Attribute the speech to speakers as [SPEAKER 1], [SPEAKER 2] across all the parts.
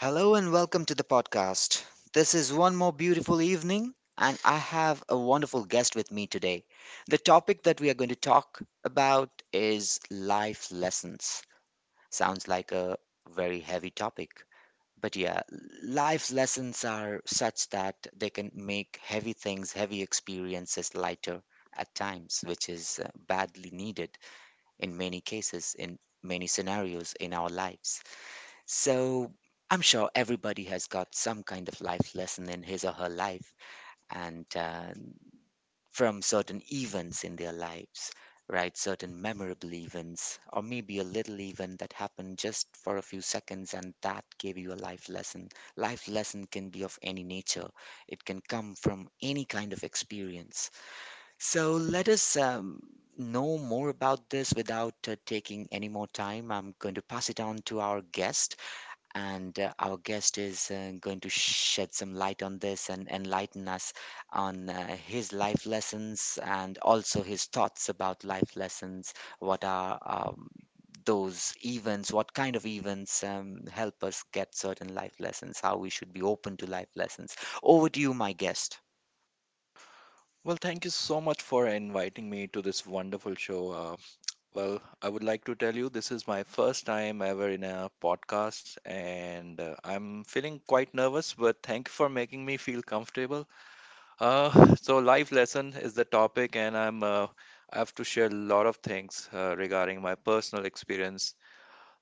[SPEAKER 1] Hello and welcome to the podcast. This is one more beautiful evening, and I have a wonderful guest with me today. The topic that we are going to talk about is life lessons. Sounds like a very heavy topic. But yeah, life lessons are such that they can make heavy things, heavy experiences lighter at times, which is badly needed in many cases, in many scenarios in our lives. So I'm sure everybody has got some kind of life lesson in his or her life, and from certain events in their lives, right? Certain memorable events, or maybe a little event that happened just for a few seconds and that gave you a life lesson. Life lesson can be of any nature, it can come from any kind of experience. So let us. Know more about this without taking any more time. I'm going to pass it on to our guest and our guest is going to shed some light on this and enlighten us on his life lessons and also his thoughts about life lessons. What are those events? What kind of events help us get certain life lessons? How we should be open to life lessons? Over to you, my guest.
[SPEAKER 2] Well, thank you so much for inviting me to this wonderful show. Well, I would like to tell you this is my first time ever in a podcast, and I'm feeling quite nervous, but thank you for making me feel comfortable. So, life lesson is the topic, and I have to share a lot of things regarding my personal experience.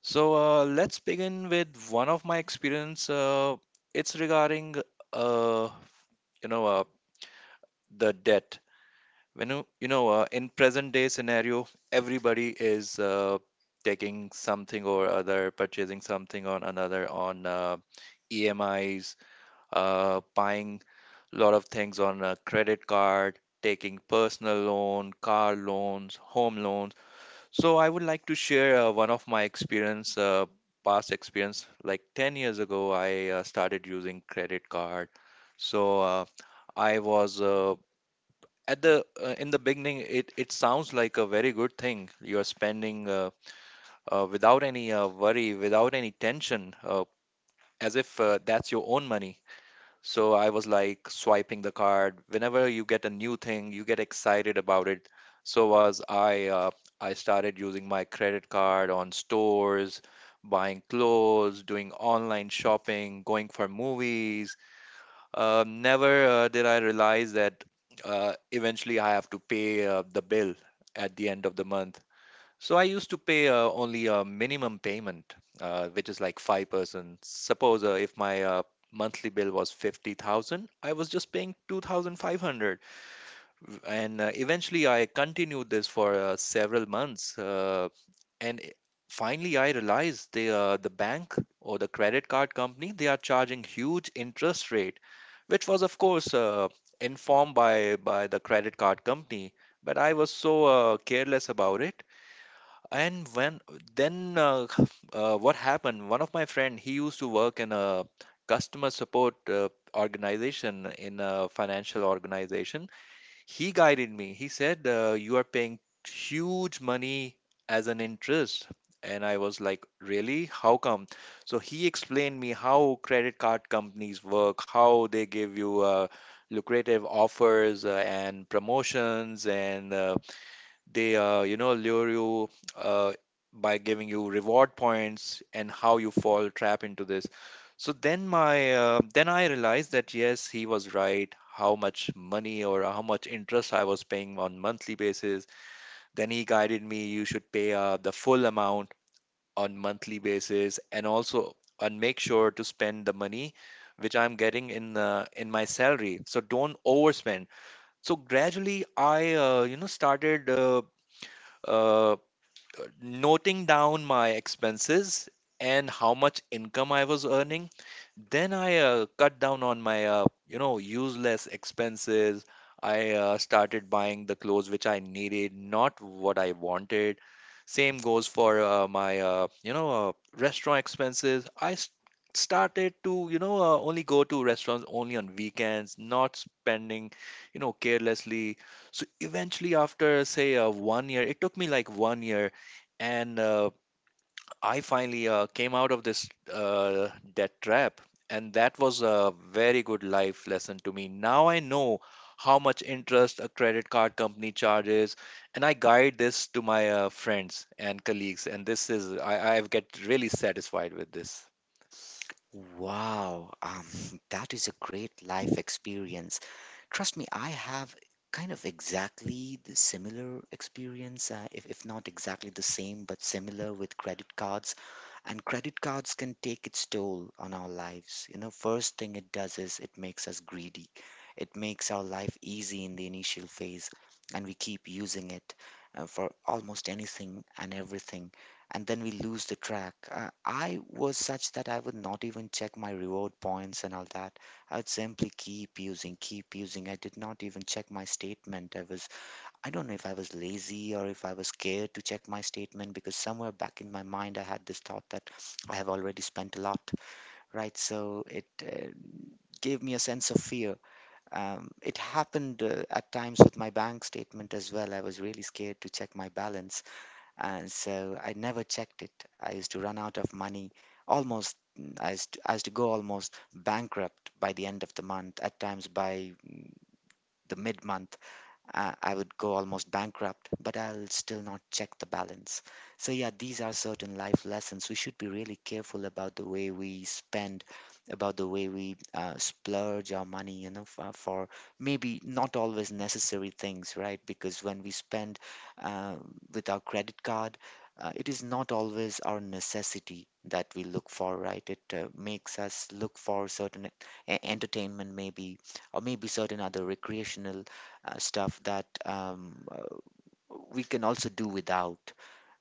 [SPEAKER 2] So, let's begin with one of my experience. It's regarding uh, you know uh, the debt. When you in present day scenario, everybody is taking something or other, purchasing something or another on EMIs, buying a lot of things on a credit card, taking personal loan, car loans, home loans. So I would like to share one of my experience, past experience. Like 10 years ago, I started using credit card. So I was at the in the beginning it sounds like a very good thing. You're spending without any worry, without any tension, as if that's your own money. So I was like swiping the card. Whenever you get a new thing, you get excited about it. So was I. I started using my credit card on stores, buying clothes, doing online shopping, going for movies. Never did I realize that eventually I have to pay the bill at the end of the month. So I used to pay only a minimum payment, which is like 5%. Suppose if my monthly bill was 50,000, I was just paying 2,500. And eventually I continued this for several months. And i- Finally I realized the bank or the credit card company, they are charging huge interest rate, which was of course informed by the credit card company. But I was so careless about it. And when, then what happened, one of my friend, he used to work in a customer support organization, in a financial organization. He guided me. He said, you are paying huge money as an interest. And I was like, really? How come? So he explained me how credit card companies work, how they give you lucrative offers and promotions, and they you know, lure you uh, by giving you reward points and how you fall trap into this. So then I realized that yes, he was right, how much money or how much interest I was paying on monthly basis. Then he guided me, you should pay the full amount on monthly basis, and also and make sure to spend the money which I'm getting in my salary, so don't overspend. So gradually I you know, started uh, noting down my expenses and how much income I was earning. Then I cut down on my, useless expenses. I started buying the clothes which I needed, not what I wanted. Same goes for my, restaurant expenses. Started to, only go to restaurants only on weekends, not spending carelessly. So eventually, after say one year, it took me like one year, and I finally came out of this debt trap, and that was a very good life lesson to me. Now I know how much interest a credit card company charges, and I guide this to my friends and colleagues. And this is I get really satisfied with this.
[SPEAKER 1] Wow, that is a great life experience. Trust me, I have kind of exactly the similar experience, if not exactly the same, but similar with credit cards. And credit cards can take its toll on our lives. You know, first thing it does is it makes us greedy. It makes our life easy in the initial phase, and we keep using it for almost anything and everything, and then we lose the track. I was such that I would not even check my reward points and all that. I would simply keep using, keep using. I did not even check my statement. I don't know if I was lazy or if I was scared to check my statement because somewhere back in my mind I had this thought that I have already spent a lot, right? So it gave me a sense of fear. It happened at times with my bank statement as well. I was really scared to check my balance, and so I never checked it. I used to run out of money almost. I used to go almost bankrupt by the end of the month, at times by the mid month, I would go almost bankrupt, but I'll still not check the balance. So, yeah, these are certain life lessons. We should be really careful about the way we spend, about the way we splurge our money, you know, for maybe not always necessary things, right? Because when we spend uh, with our credit card, it is not always our necessity that we look for, right? It makes us look for certain entertainment, maybe, or maybe certain other recreational stuff that we can also do without,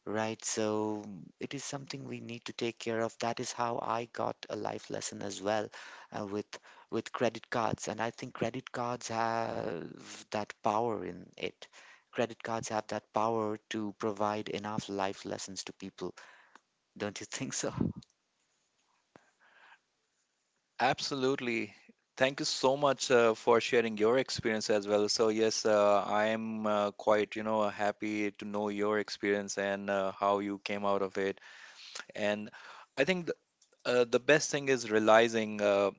[SPEAKER 1] right? So it is something we need to take care of. That is how I got a life lesson as well uh, with with credit cards, and I think credit cards have that power in it. Credit cards have that power to provide enough life lessons to people. Don't you think so?
[SPEAKER 2] Absolutely. Thank you so much for sharing your experience as well. So yes, I am quite, you know, happy to know your experience and how you came out of it. And I think the best thing is realizing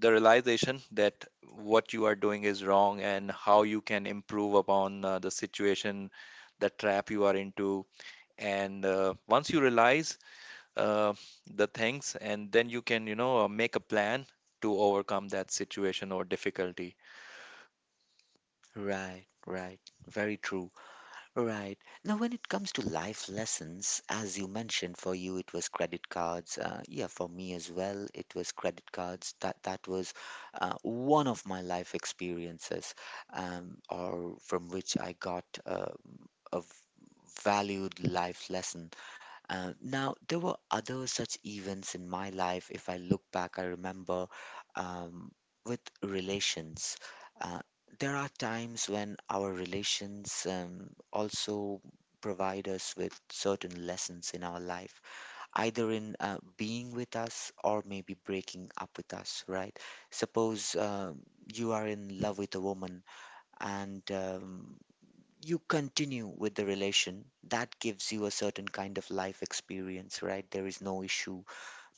[SPEAKER 2] the realization that what you are doing is wrong and how you can improve upon the situation, the trap you are into. And once you realize uh, the things, and then you can, you know, make a plan to overcome that situation or difficulty.
[SPEAKER 1] Right, right. Very true. Right. Now, when it comes to life lessons, as you mentioned, for you it was credit cards. Yeah, for me as well, it was credit cards. That was one of my life experiences, or from which I got a valued life lesson. Now, there were other such events in my life. If I look back, I remember um, with relations. Uh, there are times when our relations also provide us with certain lessons in our life, either in being with us or maybe breaking up with us, right? Suppose you are in love with a woman, and you continue with the relation. That gives you a certain kind of life experience. Right, there is no issue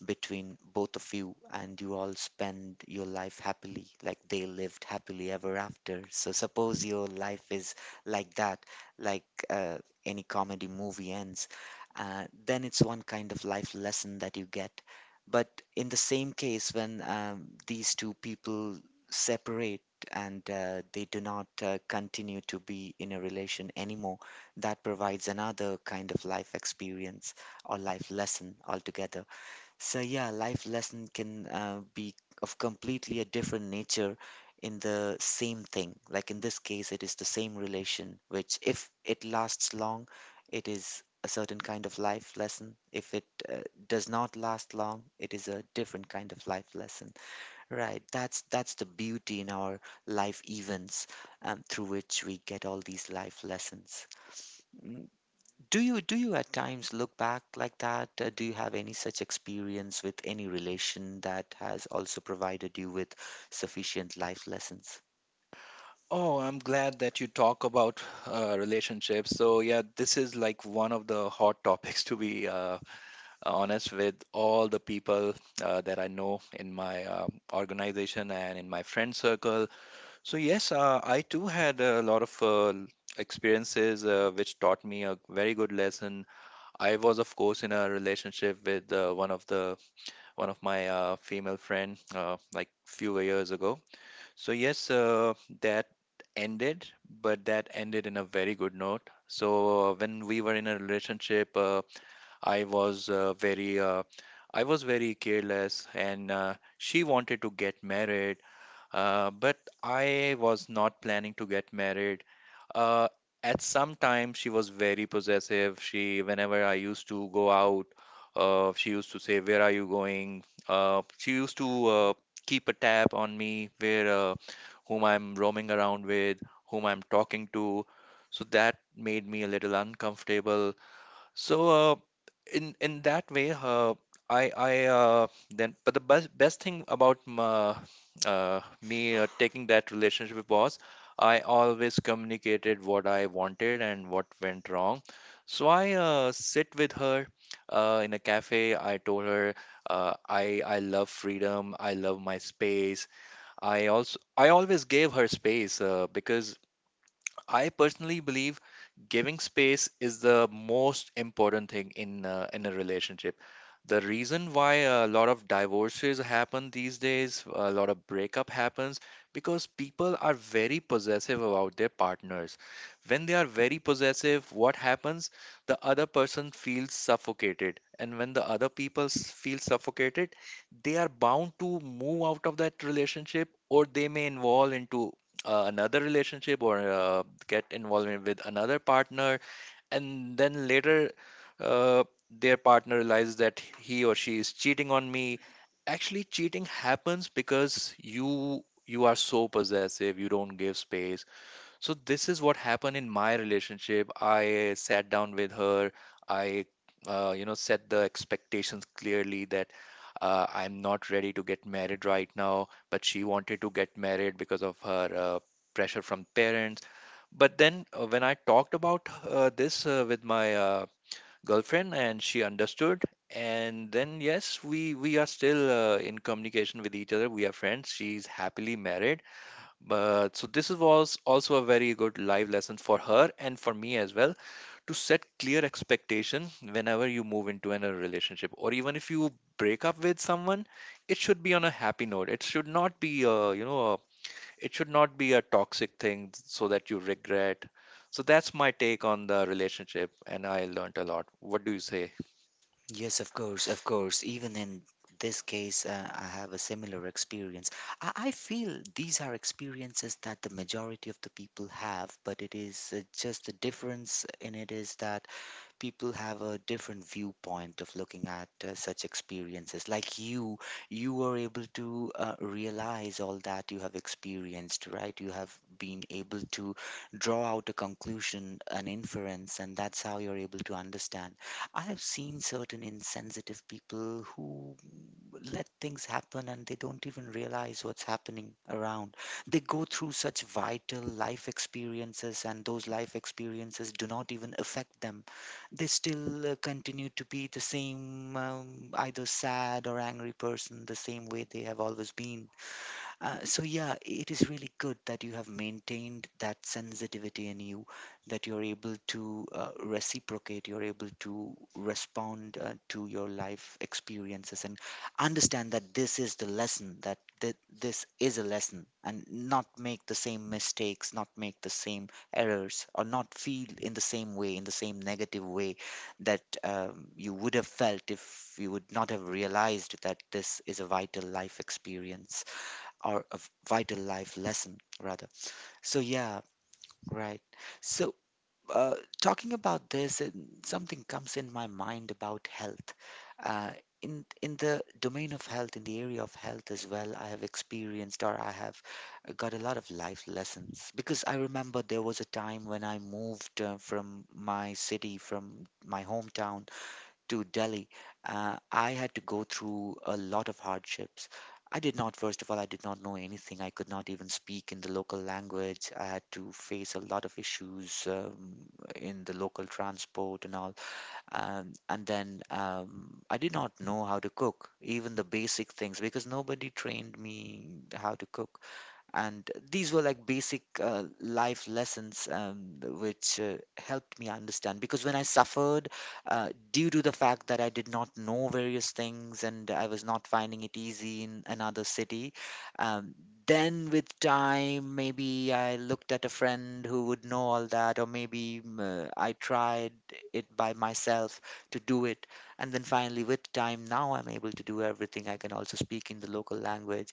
[SPEAKER 1] between both of you, and you all spend your life happily, like they lived happily ever after. So, suppose your life is like that, like any comedy movie ends, then it's one kind of life lesson that you get. But in the same case, when these two people separate and they do not continue to be in a relation anymore, that provides another kind of life experience or life lesson altogether. So yeah, life lesson can be of completely a different nature in the same thing. Like in this case, it is the same relation, which if it lasts long, it is a certain kind of life lesson. If it does not last long, it is a different kind of life lesson. Right. That's the beauty in our life events, through which we get all these life lessons. Do you at times look back like that? Do you have any such experience with any relation that has also provided you with sufficient life lessons?
[SPEAKER 2] Oh, I'm glad that you talk about relationships. So yeah, this is like one of the hot topics to be honest, with all the people that I know in my organization and in my friend circle. So, yes, I too had a lot of experiences which taught me a very good lesson. I was, of course, in a relationship with one of my female friend like few years ago. So, yes, that ended, but that ended in a very good note. So, when we were in a relationship, I was uh, very uh, I was very careless, and she wanted to get married, but I was not planning to get married. uh, at some time she was very possessive. She whenever I used to go out, she used to say, where are you going? She used to keep a tab on me, where, whom I'm roaming around with, whom I'm talking to. So that made me a little uncomfortable. So in that way, I then, but the best thing about my, me taking that relationship was I always communicated what I wanted and what went wrong. So I sit with her in a cafe. I told her, I love freedom. I love my space. I always gave her space because I personally believe giving space is the most important thing in a relationship. The reason why a lot of divorces happen these days, a lot of breakup happens, because people are very possessive about their partners. When they are very possessive, what happens? The other person feels suffocated, and when the other feel suffocated, they are bound to move out of that relationship, or they may involve into another relationship, or get involved with another partner. And then later uh, their partner realizes that he or she is cheating on me. Actually, cheating happens because you are so possessive, you don't give space. So this is what happened in my relationship. I sat down with her. I, set the expectations clearly that, I'm not ready to get married right now. But she wanted to get married because of her pressure from parents. But then when I talked about this with my girlfriend, and she understood, and then yes, we are still in communication with each other. We are friends. She's happily married. But so this was also a very good live lesson for her and for me as well, to set clear expectation whenever you move into a relationship, or even if you break up with someone, it should be on a happy note. It should not be a, you know a, it should not be a toxic thing, so that you regret. So that's my take on the relationship, and I learned a lot. What do you say?
[SPEAKER 1] Yes, of course, of course. Even in this case, I have a similar experience. I feel these are experiences that the majority of the people have, but it is just the difference in it is that people have a different viewpoint of looking at such experiences. Like you were able to realize all that you have experienced, right? You have been able to draw out a conclusion, an inference, and that's how you're able to understand. I have seen certain insensitive people who let things happen and they don't even realize what's happening around. They go through such vital life experiences, and those life experiences do not even affect them. They still continue to be the same, either sad or angry person, the same way they have always been. So yeah, it is really good that you have maintained that sensitivity in you, that you're able to reciprocate, you're able to respond to your life experiences and understand that this is the lesson, that this is a lesson, and not make the same mistakes, not make the same errors, or not feel in the same way, in the same negative way that you would have felt if you would not have realized that this is a vital life experience or a vital life lesson rather. So yeah. Right. So uh, talking about this, and something comes in my mind about health. Uh, in in the domain of health, in the area of health as well, I have experienced, or I have got a lot of life lessons, because I remember there was a time when I moved from my city, from my hometown, to Delhi. I had to go through a lot of hardships. I did not, first of all, I did not know anything. I could not even speak in the local language. I had to face a lot of issues in the local transport and all. And then I did not know how to cook, even the basic things, because nobody trained me how to cook. And these were like basic life lessons which helped me understand. Because when I suffered, due to the fact that I did not know various things and I was not finding it easy in another city, um, then with time, maybe I looked at a friend who would know all that, or maybe I tried it by myself to do it. And then finally, with time, now I'm able to do everything. I can also speak in the local language.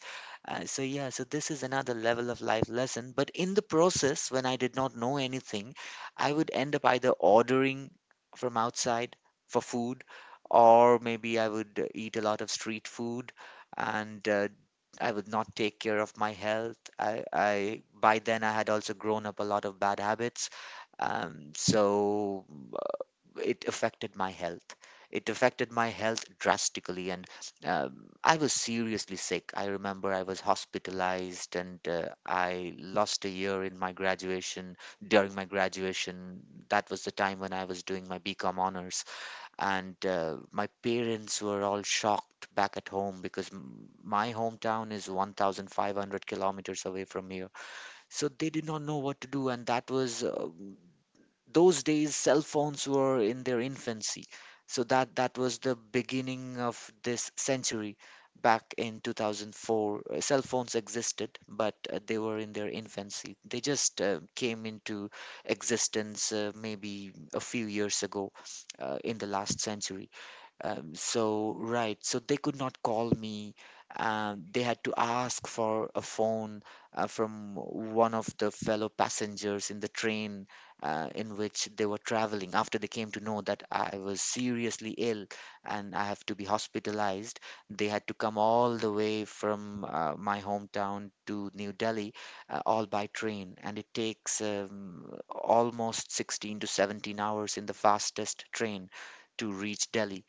[SPEAKER 1] So yeah, so this is another level of life lesson. But in the process, when I did not know anything, I would end up either ordering from outside for food, or maybe I would eat a lot of street food, and I would not take care of my health. I by then I had also grown up a lot of bad habits, so it affected my health. It affected my health drastically, and I was seriously sick. I remember I was hospitalized, and I lost a year in my graduation. During my graduation, that was the time when I was doing my BCom honors. And my parents were all shocked back at home because my hometown is 1,500 kilometers away from here. So they did not know what to do. And that was those days cell phones were in their infancy, so that was the beginning of this century, back in 2004. Cell phones existed, but they were in their infancy. They just came into existence maybe a few years ago, in the last century. Right, so they could not call me. They had to ask for a phone from one of the fellow passengers in the train in which they were traveling, after they came to know that I was seriously ill and I have to be hospitalized. They had to come all the way from my hometown to New Delhi, all by train, and it takes almost 16 to 17 hours in the fastest train to reach Delhi.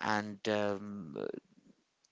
[SPEAKER 1] And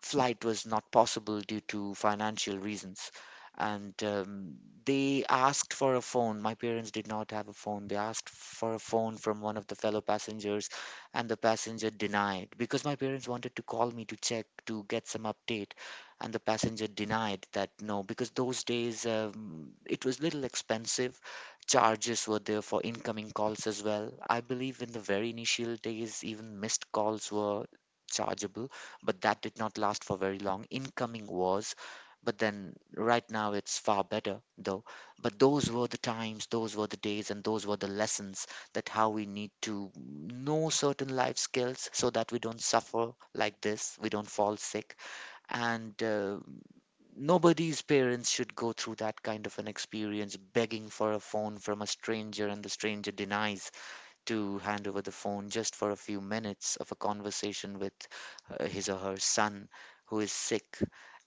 [SPEAKER 1] Flight was not possible due to financial reasons. And They asked for a phone. My parents did not have a phone. They asked for a phone from one of the fellow passengers, and the passenger denied because my parents wanted to call me to check, to get some update. And the passenger denied that, no, because those days it was little expensive. Charges were there for incoming calls as well. I believe in the very initial days, even missed calls were chargeable, but that did not last for very long. Incoming wars, but then right now it's far better though. But those were the times, those were the days, and those were the lessons, that how we need to know certain life skills so that we don't suffer like this, we don't fall sick, and nobody's parents should go through that kind of an experience, begging for a phone from a stranger and the stranger denies to hand over the phone just for a few minutes of a conversation with his or her son who is sick.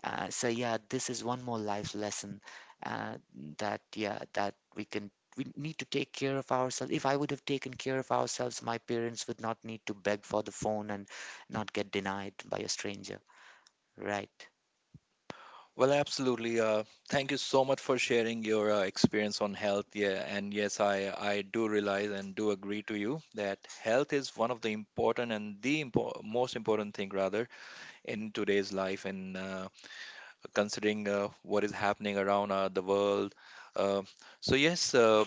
[SPEAKER 1] So yeah, this is one more life lesson, uh, that yeah, that we need to take care of ourselves. If I would have taken care of ourselves, my parents would not need to beg for the phone and not get denied by a stranger. Right.
[SPEAKER 2] Well, absolutely. Thank you so much for sharing your experience on health. Yeah, and yes, I do realize and do agree to you that health is one of the important and the most important thing rather in today's life. And considering what is happening around the world. Uh, so yes, uh,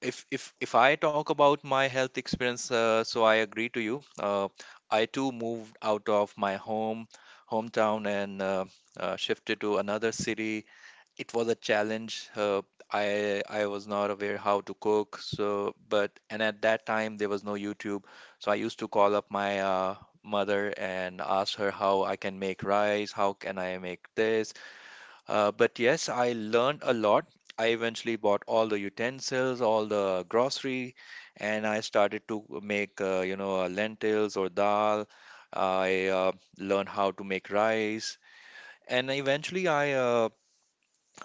[SPEAKER 2] if if if I talk about my health experience, so I agree to you. I too moved out of my hometown and shifted to another city. It was a challenge. I was not aware how to cook, so but and at that time there was no YouTube, so I used to call up my mother and ask her how I can make rice, how can I make this. But yes, I learned a lot. I eventually bought all the utensils, all the grocery, and I started to make lentils or dal. I learned how to make rice, and eventually I uh,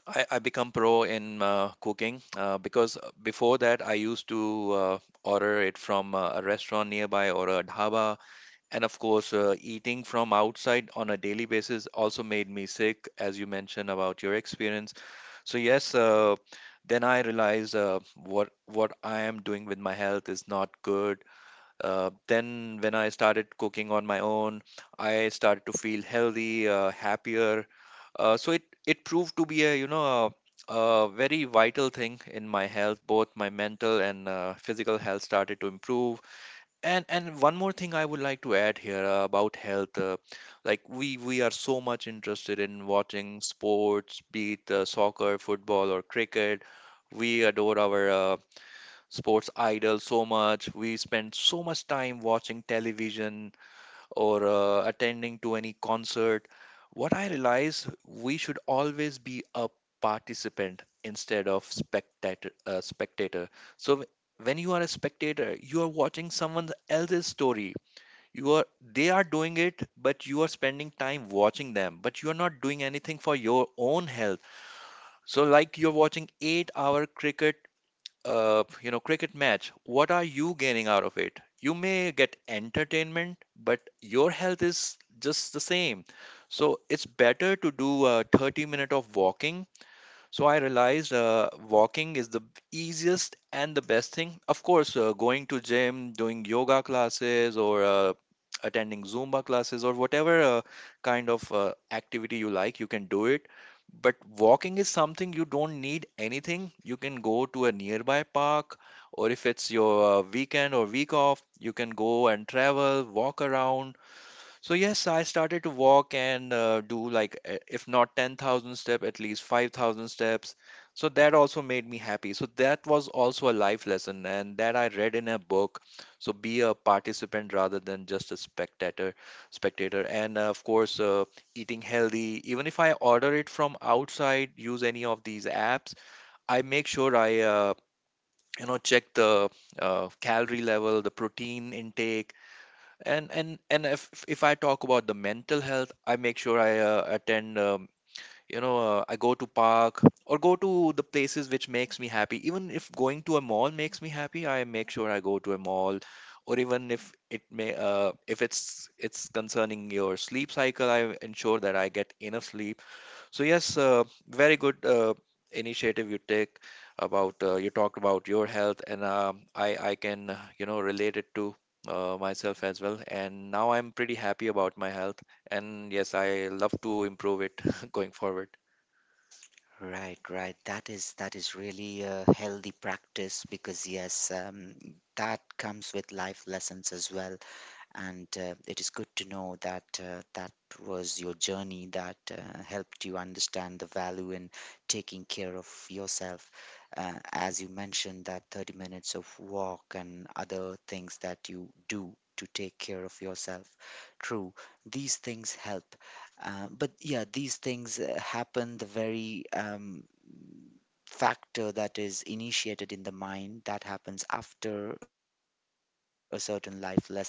[SPEAKER 2] I, I become pro in cooking because before that I used to order it from a restaurant nearby or a dhaba. And of course, eating from outside on a daily basis also made me sick, as you mentioned about your experience. So yes, then I realized what I am doing with my health is not good. Then, when I started cooking on my own, I started to feel healthy, happier. So it proved to be a, you know, a very vital thing in my health. Both my mental and physical health started to improve. And one more thing I would like to add here, about health, like we are so much interested in watching sports, be it soccer, football, or cricket. We adore our sports idol so much. We spend so much time watching television or attending to any concert. What I realize, we should always be a participant instead of spectator. Spectator. So w- when you are a spectator, you are watching someone else's story. You are they are doing it, but you are spending time watching them. But you are not doing anything for your own health. So, like you're watching 8 hour cricket, cricket match. What are you gaining out of it? You may get entertainment, but your health is just the same. So it's better to do a 30 minute of walking. So I realized walking is the easiest and the best thing. Of course, going to gym, doing yoga classes, or attending Zumba classes, or whatever kind of activity you like, you can do it. But walking is something you don't need anything. You can go to a nearby park, or if it's your weekend or week off, you can go and travel, walk around. So yes, I started to walk and do like, if not 10,000 steps, at least 5,000 steps. So that also made me happy. So that was also a life lesson, and that I read in a book. So be a participant rather than just a spectator, spectator. And of course, eating healthy. Even if I order it from outside, use any of these apps, I make sure I, check the calorie level, the protein intake. And if I talk about the mental health, I make sure I attend. I go to park or go to the places which makes me happy. Even if going to a mall makes me happy, I make sure I go to a mall. Or even if it may, if it's concerning your sleep cycle, I ensure that I get enough sleep. So yes, very good initiative you take about, you talked about your health, and I can, relate it to myself as well. And now I'm pretty happy about my health, and yes, I love to improve it going forward.
[SPEAKER 1] Right, right. That is really a healthy practice because, yes, that comes with life lessons as well. And it is good to know that that was your journey that helped you understand the value in taking care of yourself, as you mentioned, that 30 minutes of walk and other things that you do to take care of yourself. True, these things help. But yeah, these things happen. The very factor that is initiated in the mind, that happens after a certain life lesson which happened with you.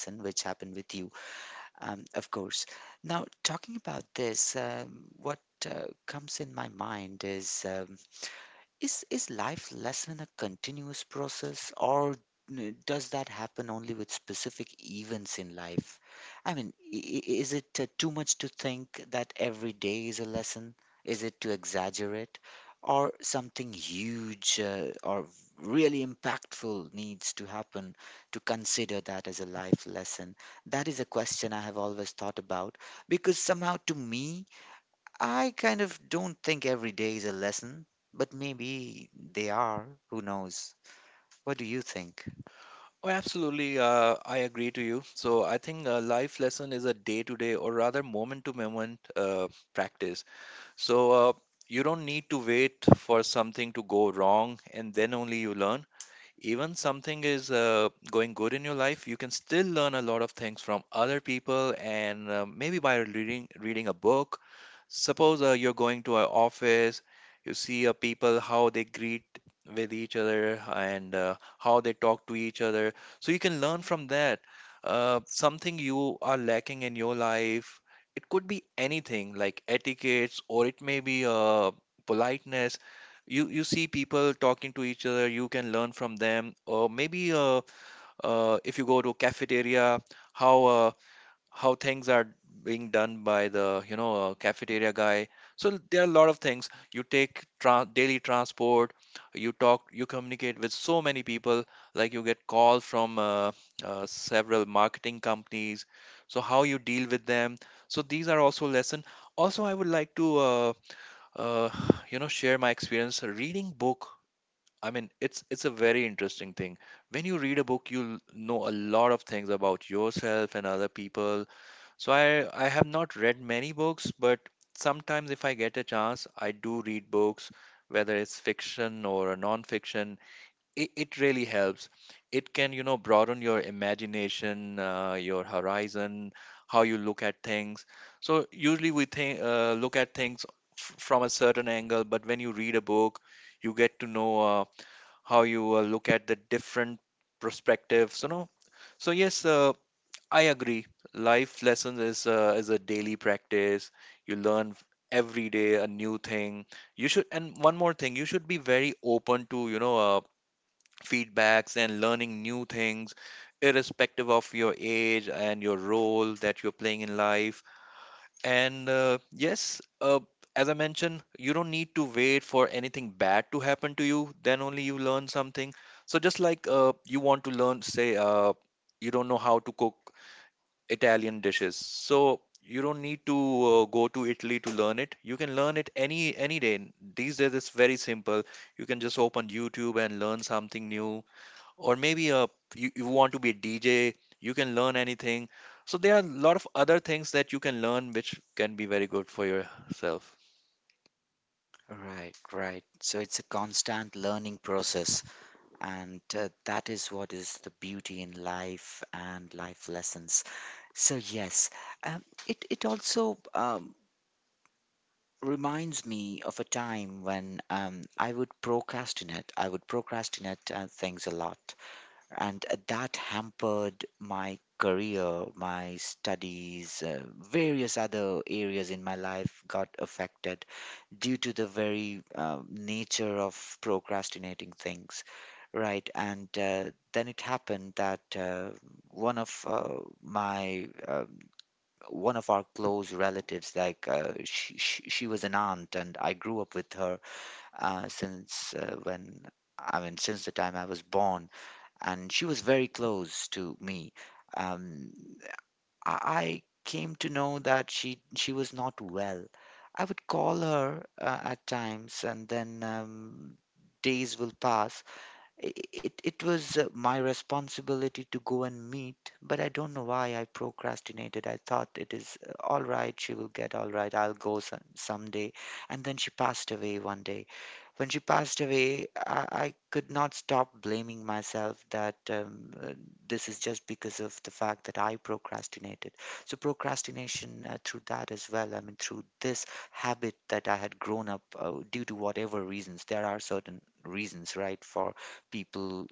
[SPEAKER 1] Of course. Now, talking about this, what comes in my mind is, is life lesson a continuous process, or does that happen only with specific events in life? I mean, is it too much to think that every day is a lesson? Is it to exaggerate, or something huge or really impactful needs to happen to consider that as a life lesson? That is a question I have always thought about, because somehow, to me, I kind of don't think every day is a lesson, but maybe they are. Who knows? What do you think?
[SPEAKER 2] Oh, absolutely. I agree to you. So I think a life lesson is a day-to-day or rather moment-to-moment practice. So you don't need to wait for something to go wrong and then only you learn. Even something is going good in your life, you can still learn a lot of things from other people, and maybe by reading a book. Suppose you're going to an office, you see people how they greet with each other, and how they talk to each other, so you can learn from that, something you are lacking in your life. It could be anything like etiquettes, or it may be politeness. You see people talking to each other, you can learn from them. Or maybe if you go to cafeteria, how uh, how things are being done by the, cafeteria guy. So there are a lot of things. You take daily transport, you talk, you communicate with so many people, like you get calls from several marketing companies, so how you deal with them. So these are also lesson. Also, I would like to uh, share my experience reading book. I mean, it's a very interesting thing. When you read a book, you'll know a lot of things about yourself and other people. So I have not read many books, but sometimes if I get a chance, I do read books, whether it's fiction or a non-fiction. It really helps. It can, you know, broaden your imagination, your horizon, how you look at things. So usually we think look at things, from a certain angle, but when you read a book, you get to know. How you look at the different perspectives, you know. So yes, I agree. Life lessons is, is a daily practice. You learn, every day a new thing, you should. And one more thing, you should be very open to, feedbacks and learning new things irrespective of your age and your role that you're playing in life. And yes, as I mentioned, you don't need to wait for anything bad to happen to you. Then only you learn something. So just like, you want to learn, say, you don't know how to cook Italian dishes. So you don't need to go to Italy to learn it. You can learn it any day. These days it's very simple. You can just open YouTube and learn something new. Or maybe a, you want to be a DJ, you can learn anything. So there are a lot of other things that you can learn which can be very good for yourself.
[SPEAKER 1] Right, right. So it's a constant learning process, and that is what is the beauty in life and life lessons. So yes, it it also reminds me of a time when I would procrastinate. I would procrastinate things a lot, and that hampered my career, my studies, various other areas in my life got affected due to the very nature of procrastinating things. Right, and then it happened that one of uh, my uh, one of our close relatives, like she was an aunt, and I grew up with her since when, I mean, since the time I was born, and she was very close to me. Um, I came to know that she was not well. I would call her at times, and then days will pass. It, it was my responsibility to go and meet, but I don't know why I procrastinated. I thought it is all right, she will get all right, I'll go some, someday. And then she passed away one day. When she passed away, I could not stop blaming myself that this is just because of the fact that I procrastinated. So, procrastination, through that as well, I mean, through this habit that I had grown up due to whatever reasons, there are certain reasons, right, for people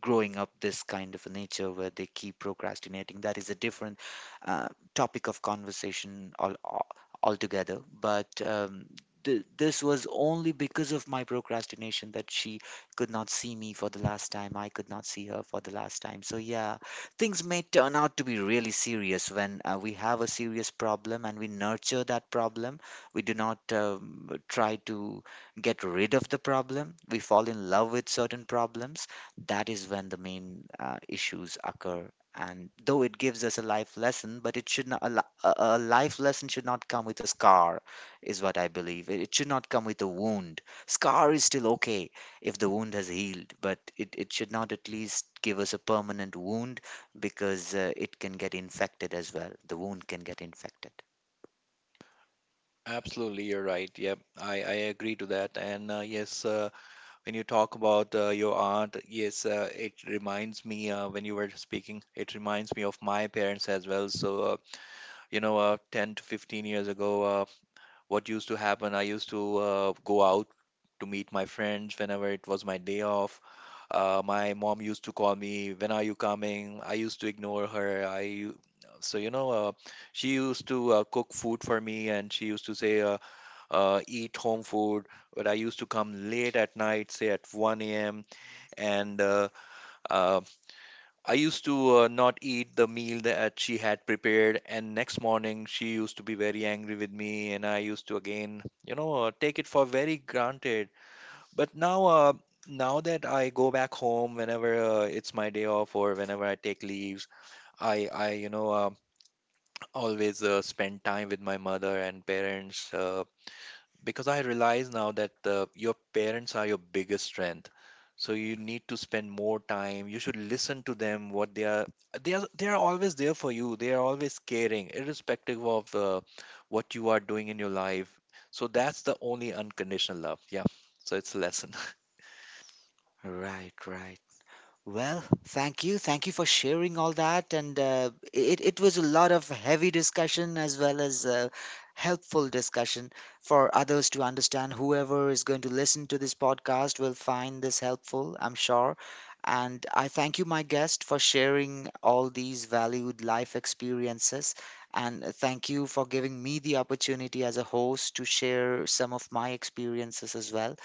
[SPEAKER 1] growing up this kind of a nature where they keep procrastinating, that is a different uh, topic of conversation altogether. But this was only because of my procrastination that she could not see me for the last time, I could not see her for the last time. So yeah, things may turn out to be really serious when we have a serious problem and we nurture that problem, we do not try to get rid of the problem, we fall in love with certain problems. That is when the main issues occur. And though it gives us a life lesson, but it should not a, a life lesson should not come with a scar, is what I believe. It should not come with a wound. Scar is still okay if the wound has healed, but it should not at least give us a permanent wound, because it can get infected as well. The wound can get infected.
[SPEAKER 2] Absolutely, you're right. Yep, I agree to that. And yes, when you talk about your aunt, yes, it reminds me, when you were speaking, it reminds me of my parents as well. So, 10 to 15 years ago, what used to happen, I used to go out to meet my friends whenever it was my day off. My mom used to call me, "When are you coming?" I used to ignore her. So you know, she used to cook food for me, and she used to say, "Eat home food." But I used to come late at night, say at 1 a.m., and uh, I used to not eat the meal that she had prepared. And next morning, she used to be very angry with me, and I used to again, you know, take it for very granted. But now, now that I go back home whenever it's my day off or whenever I take leaves, I, I always spend time with my mother and parents because I realize now that your parents are your biggest strength. So you need to spend more time. You should listen to them. What they are, they are, they are always there for you. They are always caring, irrespective of what you are doing in your life. So that's the only unconditional love. Yeah. So it's a lesson.
[SPEAKER 1] Right, right. Well, thank you. Thank you for sharing all that. And it, it was a lot of heavy discussion as well as helpful discussion for others to understand. Whoever is going to listen to this podcast will find this helpful, I'm sure. And I thank you, my guest, for sharing all these valued life experiences. And thank you for giving me the opportunity as a host to share some of my experiences as well.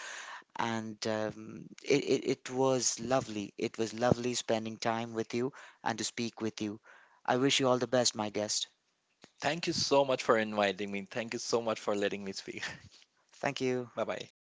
[SPEAKER 1] And it, it, it was lovely. It was lovely spending time with you and to speak with you. I wish you all the best, my guest.
[SPEAKER 2] Thank you so much for inviting me. Thank you so much for letting me speak.
[SPEAKER 1] Thank you.
[SPEAKER 2] Bye bye.